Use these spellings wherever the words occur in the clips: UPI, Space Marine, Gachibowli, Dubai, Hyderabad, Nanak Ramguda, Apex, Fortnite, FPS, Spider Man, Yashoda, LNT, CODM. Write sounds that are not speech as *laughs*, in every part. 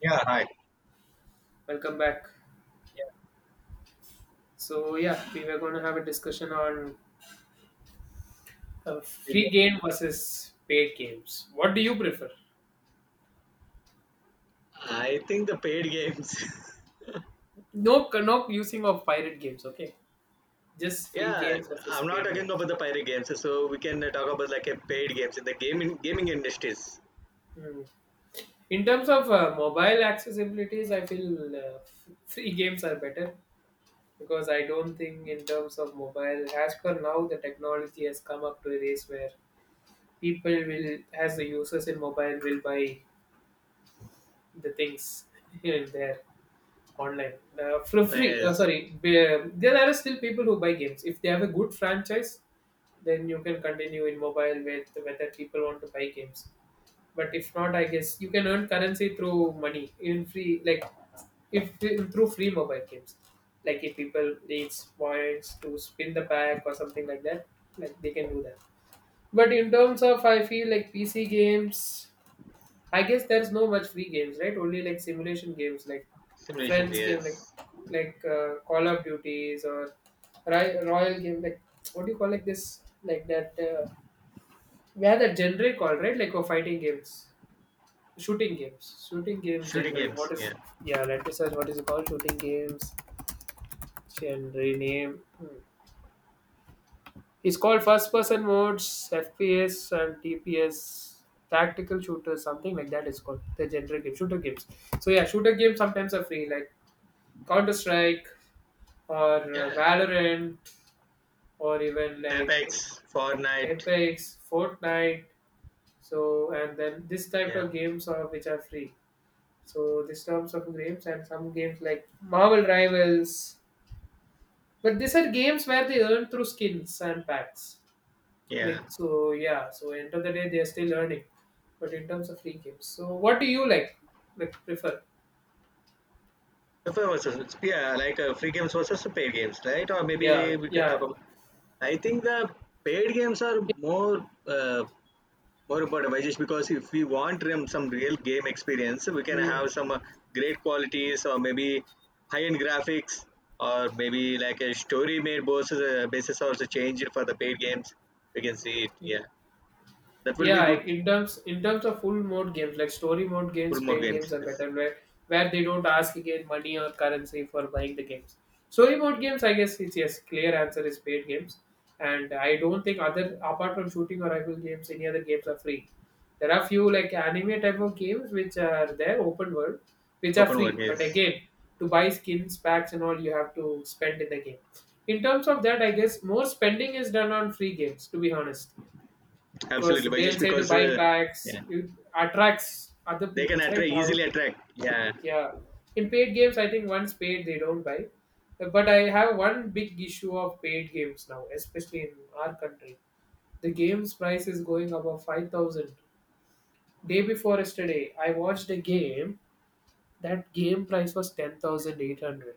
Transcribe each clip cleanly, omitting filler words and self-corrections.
Yeah, hi. Welcome back. So yeah, we were going to have a discussion on free game versus paid games. What do you prefer? I think the paid games. No, no using of pirate games. Okay, *laughs* just free Yeah, games versus I'm not paid talking games. about the pirate games. So we can talk about like a paid games in the gaming industries. Hmm. In terms of mobile accessibilities, I feel free games are better because I don't think in terms of mobile, as per now, the technology has come up to a race where people will, as the users in mobile, will buy the things *laughs* here and there online for free. Yes, Sorry, there are still people who buy games. If they have a good franchise, then you can continue in mobile with whether people want to buy games. But if not, I guess you can earn currency through money in free, like if through free mobile games. Like if people needs points to spin the pack or something like that, like they can do that. But in terms of, I feel like PC games. I guess there's no much free games, right? Only like simulation games, like simulations. friends game, like Yes, like uh, Call of Duties or Royal game, like what do you call like this, like that? We had that genre called right, like for fighting games, shooting games shooting genre. games. What Yeah, is yeah? Let me search. What is it called? Shooting games genre name. Hmm. It's called first person modes, FPS and TPS, tactical shooters, something like that. It's called the general game, shooter games. So yeah, shooter games sometimes are free, like Counter Strike or yeah. Valorant or even like Apex, Fortnite. Apex, Fortnite. So and then this type Yeah, of games are which are free. So this terms of games and some games like Marvel Rivals. But these are games where they earn through skins and packs. yeah. Like so, yeah. So end of the day, they're still earning. But in terms of free games, so what do you like? Like prefer? The first versus yeah, like free games versus the paid games, right? Or Yeah, maybe we can talk yeah. about. I think the paid games are more more about Vajesh because if we want some real game experience, we can Mm. have some great qualities, or maybe high end graphics, or maybe like a story made basis also change for the paid games. We can see it. Yeah, that will be Yeah, good like in terms of full mode games, like story mode games, for more paid games. games are This better where they don't ask again money or currency for buying the games. Story mode games, I guess it's yes, clear answer is paid games. And I don't think other apart from shooting or rifle games, any other games are free. There are few like anime type of games which are there, open world, which are open world free. But games, again, to buy skins, packs and all you have to spend in the game. In terms of that, I guess more spending is done on free games, to be honest because absolutely they'll Vajesh say to because buy packs. yeah, It attracts other they can people's, right? attract How it, easily attract. Yeah. yeah. In paid games, I think once paid they don't buy. But I have one big issue of paid games now, especially in our country. The game's price is going above 5000. Day before yesterday, I watched a game. That game price was 10,800.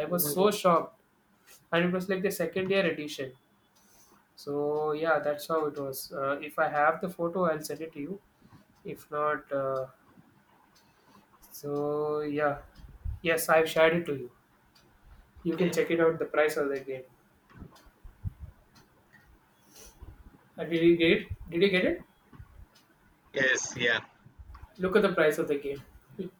I was so shocked, and it was like the second year edition. So yeah, that's how it was. If I have the photo, I'll send it to you. If not, so yeah, yes, I've shared it to you. You can Okay. check it out. The price of the game. Did you get it? Did you get it? Yes. Yeah. Look at the price of the game. *laughs*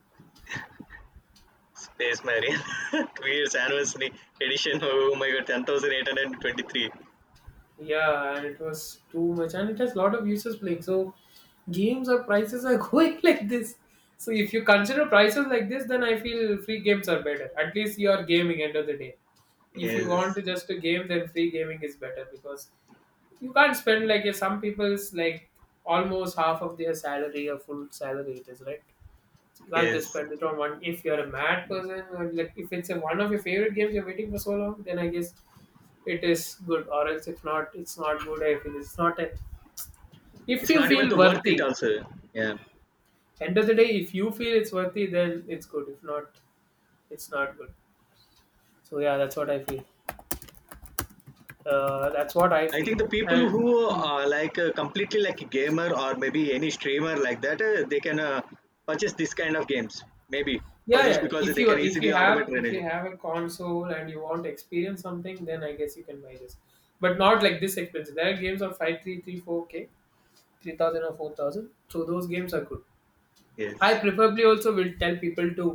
Space Marine, *laughs* 2 years anniversary edition. Oh my god, 10,823. Yeah, and it was too much, and it has a lot of users playing. So games or prices are *laughs* going like this. So if you consider prices like this, then I feel free games are better. At least you are gaming end of the day. If you want Yes, to just a game, then free gaming is better because you can't spend like some people's, like almost half of their salary or full salary it is, right? So you can't just yes. spend it on one. If you're a mad person or like if it's a, one of your favorite games you're waiting for so long, then I guess it is good. Or else if not, it's not good. I feel it's not a. If It's you not even feel the worth it worthy, also. Yeah. end of the day, if you feel it's worthy, then it's good. If not, it's not good. So yeah, that's what I feel. That's what I I feel. think the And people who hmm, are like completely like a gamer, or maybe any streamer like that, they can purchase this kind of games. Maybe for yeah, just yeah. because If they you can if easily you have automate if you energy. have a console and you want to experience something, then I guess you can buy this. But not like this expensive. There are games of five, three, three, four k, 3000 or 4000. So those games are good. I Yes. preferably also will tell people to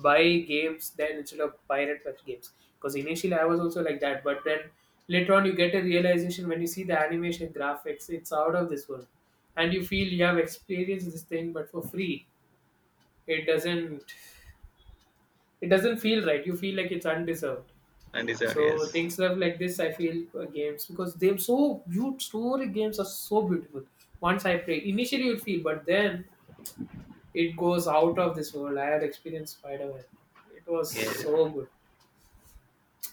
buy games then instead of pirate web games. Because initially I was also like that. But then later on you get a realization when you see the animation graphics, it's out of this world. And you feel you have experienced this thing but for free. It doesn't It doesn't feel right. You feel like it's undeserved. And these are yes. So things are like this, I feel games because they're so beautiful. Story games are so beautiful. Once I play, initially you feel, but then it goes out of this world. I had experienced Spider-Man. It was Yeah. so good.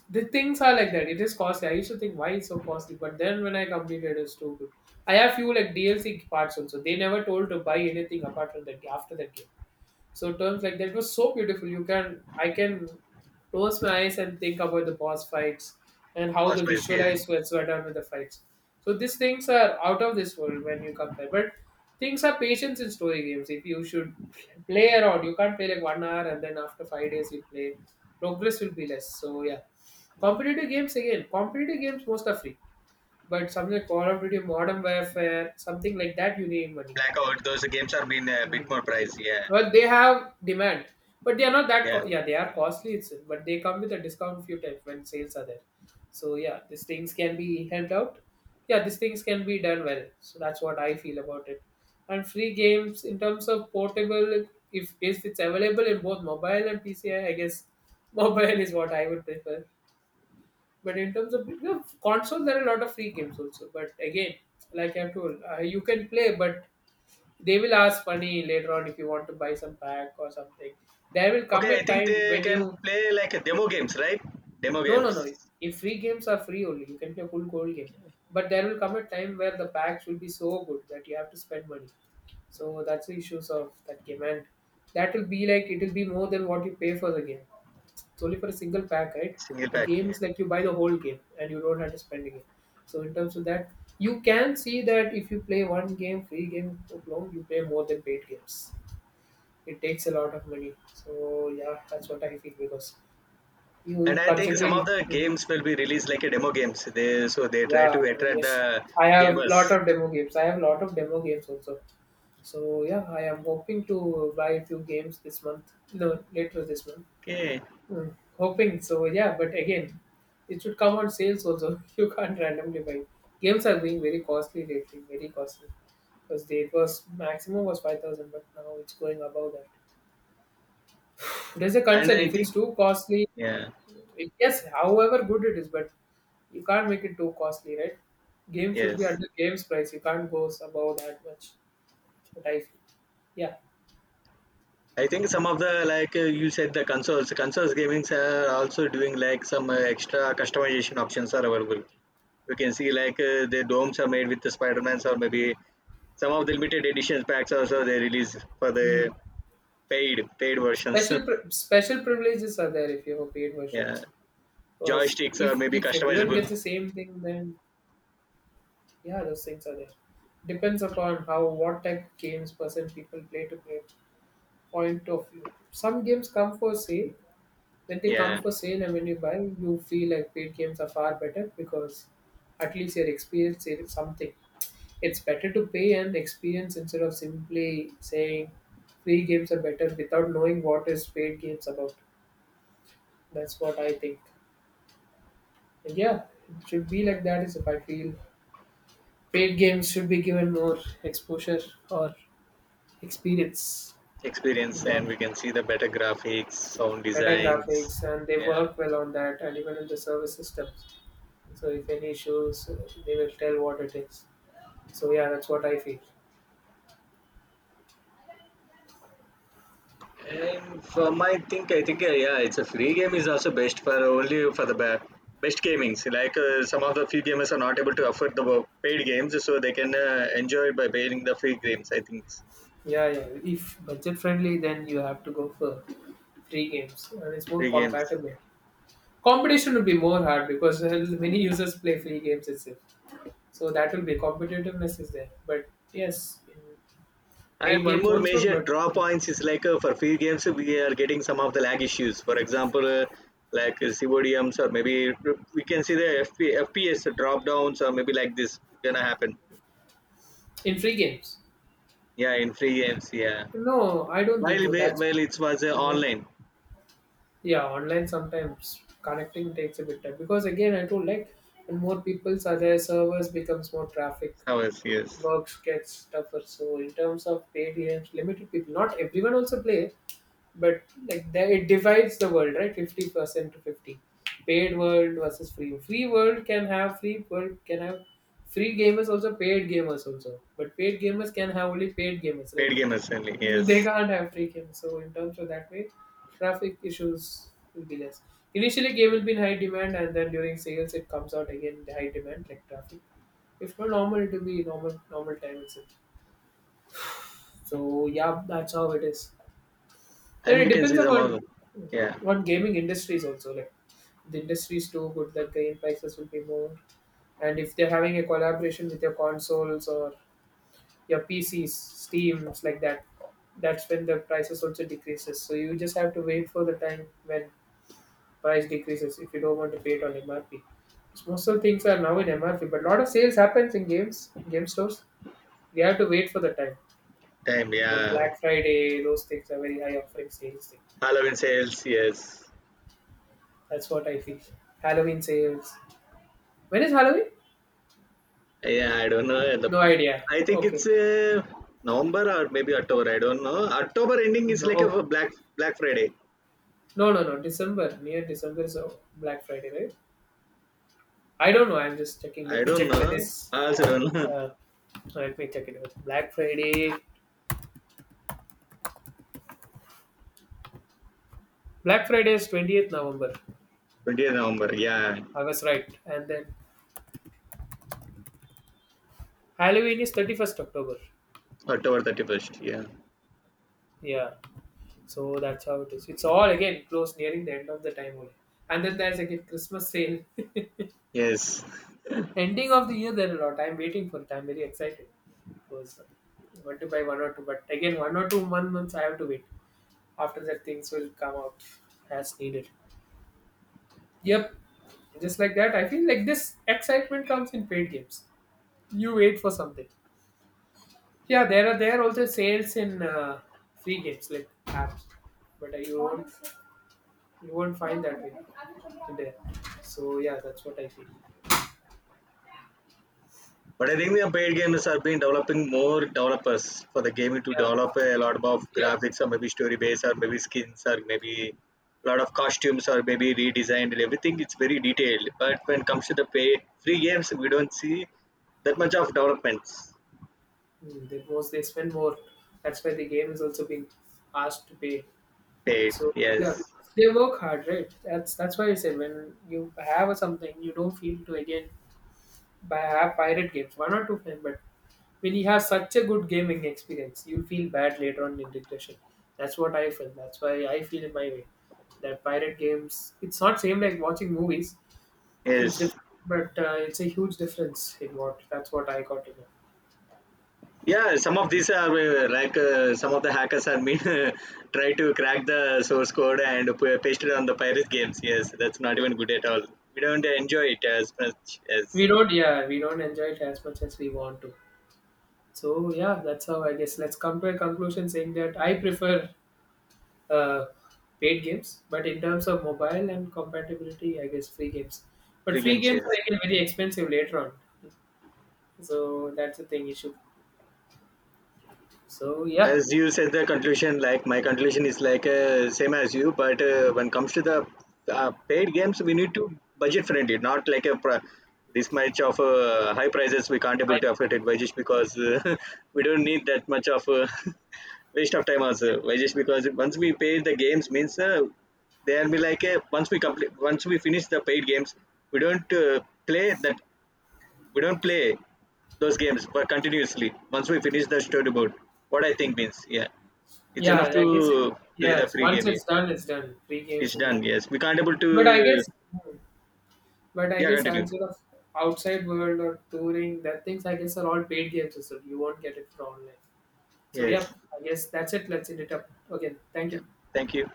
The things are like that. It is costly. I used to think why it's so costly, but then when I completed, it's too good. I have few like DLC parts also. They never told to buy anything apart from that after that game. So terms like that was so beautiful. You can I can close my eyes and think about the boss fights and how Cost the price, yeah. visualized was were so done with the fights. So these things are out of this world when you compare. But things are patience in story games. If you should play around, you can't play like 1 hour and then after 5 days you play. Progress will be less. So yeah. Competitive games again, competitive games most are free. But something like Call of Duty Modern Warfare, something like that you need money. Blackout, those games are been a Hmm. bit more price, yeah. But they have demand, but they are not that. Yeah. Yeah, they are costly itself, but they come with a discount few times when sales are there. So yeah, these things can be helped out. Yeah, these things can be done well. So that's what I feel about it. And free games in terms of portable, if it's available in both mobile and PC, I guess *laughs* mobile is what I would prefer. But in terms of console, there are a lot of free games also. But again, like I've told, you can play, but they will ask money later on if you want to buy some pack or something. There will come Okay, a I think time they when can you, play like a demo games, right? Demo no, no, games. no. If free games are free only, you can play full gold game. But there will come a time where the packs will be so good that you have to spend money. So that's the issues of that game, and that will be like it will be more than what you pay for the game. It's only for a single pack, right? Single The pack, game yeah. is like you buy the whole game and you don't have to spend again. So in terms of that, you can see that if you play one game, free game, long, you play more than paid games. It takes a lot of money. So yeah, that's what I feel because you And you I think some of considering, the games will be released like a demo games. They so they try to yeah, demo, attract yes. the I have lot gamers. of demo games. I have lot of demo games also. So yeah, I am hoping to buy a few games this month. No, later this month. Okay, Hmm. Hoping so, yeah. But again, it should come on sales also. *laughs* You can't randomly buy. Games are being very costly lately, very costly. Because the it was maximum was 5,000, but now it's going above that. There's a and concern I if it's think too costly. yeah, Yes, however good it is, but you can't make it too costly, right? Game should be at yes. the game's price. You can't go above that much. What I feel. Yeah. I think some of the like you said the consoles gamings are also doing like some extra customization options are available. You can see like the domes are made with the Spider Mans, or maybe some of the limited edition packs also they release for Mm. the paid versions. Special privileges are there if you have paid *laughs* Yeah, versions. Because joysticks are if maybe if everyone customizable. gets the same thing, then yeah, those things are there. Depends upon how what type of games person people play to play point of view. Some games come for sale, when they come Yeah, for sale and when you buy, you feel like paid games are far better because at least your experience is something. It's better to pay and experience instead of simply saying free games are better without knowing what is paid games about. That's what I think. And yeah, it should be like that is if I feel paid games should be given more exposure or experience in experience, what and we can see the better graphics sound better designs. graphics and they Yeah. work well on that and even in the service systems. So if any issues, they will tell what it is. So yeah, that's what I feel. And for my think, I think yeah, it's a free game is also best for only for the best gamings. Like some of the few gamers are not able to afford the paid games, so they can enjoy by paying the free games. I think Yeah, yeah. If budget friendly, then you have to go for free games, and it's more free games. compatible. Competition will be more hard because many users play free games itself. So that will be competitiveness is there. But yes, in And paid one games more also, major but draw points is like for free games, we are getting some of the lag issues. For example, like CODMs, or maybe we can see the FPS drop downs, or maybe like this gonna happen. in free games, Yeah, in free games, yeah. no, I don't think While so. we- That's while it was yeah. online Yeah, online sometimes connecting takes a bit time because again I told like when more peoples are there, servers becomes more traffic, hours, yes. work gets tougher. So in terms of paid games, limited people, not everyone also play, but like there it divides the world, right? 50% to fifty. Paid world versus free. Free world can have free gamers also paid gamers also. But paid gamers can have only paid gamers, right? Paid gamers only, yes. They can't have him, so in terms of that way, traffic issues will be less. Initially, game will be in high demand, and then during sales, it comes out again in the high demand like traffic. If not normal, it will be normal time itself. So yeah, that's how it is. Then And it we can depends see some of upon them. Yeah. on gaming industries also. Like the industry is too good that game prices will be more. And if they're having a collaboration with your consoles or your PCs, Steams like that, that's when the prices also decreases. So you just have to wait for the time when price decreases if you don't want to pay it on MRP. Because most of the things are now in MRP, but a lot of sales happens in games, game stores. We have to wait for the time. Time, Like yeah. Black Friday, those things are very high offering sales thing. Halloween sales, yes. That's what I feel. Halloween sales. When is Halloween? Yeah, I don't know. The, No idea. I think Okay. it's November or maybe October. I don't know. October ending is No. like Oh, a Black Friday. no. No. No. December. Near December is Black Friday, right? I don't know. I'm just checking. I Let me don't check when know. is I also don't know. *laughs* Uh, so let me check it out. Black Friday. Black Friday is November 20th. November 20th, yeah. I was right. And then Halloween is October 31st. October 31st, yeah. Yeah. So that's how it is. It's all again close nearing the end of the time only. And then there's again Christmas sale. *laughs* Yes. Ending of the year there are a lot. I'm waiting for it. I'm very excited. Because I want to buy one or two. But again one or two, one months I have to wait. After that things will come out as needed. Yep. Just like that. I feel like this excitement comes in paid games. You wait for something. Yeah, there are also sales in free games like apps, but you won't find that way there. So yeah, that's what I feel. But I think the paid games are being developing more developers for the gaming to Yeah, develop a lot of yeah. graphics, or maybe story base, or maybe skins, or maybe a lot of costumes, or maybe redesigned and everything. It's very detailed. But when it comes to the pay free games, we don't see that much of developments Mm, they most they spend more. That's why the game is also being asked to pay. paid. So yeah, Yes, because they work hard, right? That's why I said when you have a something, you don't feel to again buy have pirate games. One or two, fine, but when you have such a good gaming experience, you feel bad later on in regression. That's what I felt. That's why I feel in my way that pirate games. It's not same like watching movies. It's yes. different, but it's a huge difference in what. That's what I got to know. Yeah, some of these are like some of the hackers are mean *laughs* try to crack the source code and paste it on the pirate games. Yes, that's not even good at all. We don't enjoy it as much We as don't, yeah, we don't enjoy it as much as we want to. So yeah, that's how I guess. Let's come to a conclusion saying that I prefer uh, paid games, but in terms of mobile and compatibility, I guess free games. But free free games. games are Yes. again very expensive later on. So that's the thing issue. So yeah, As you said the conclusion, like my conclusion is like same as you, but when comes to the paid games we need to budget friendly, not like a this much of high prices, we can't able I to afford it by just because *laughs* we don't need that much of *laughs* waste of time also by just because once we pay the games means they'll be like once we finish the paid games, we don't play that we don't play those games but continuously once we finish the storyboard, what I think means yeah it's enough yeah, to I guess it, play the yes. free Once game, it's yeah done, it's done. Three games it's in that. done, yes we can't able But I to, guess, hmm, but I yeah guess continue, outside world or touring, that things I guess are all paid games. So you won't get it for online. So yeah, yes, I guess that's it. Let's end it up. Okay, thank yeah, you. thank you.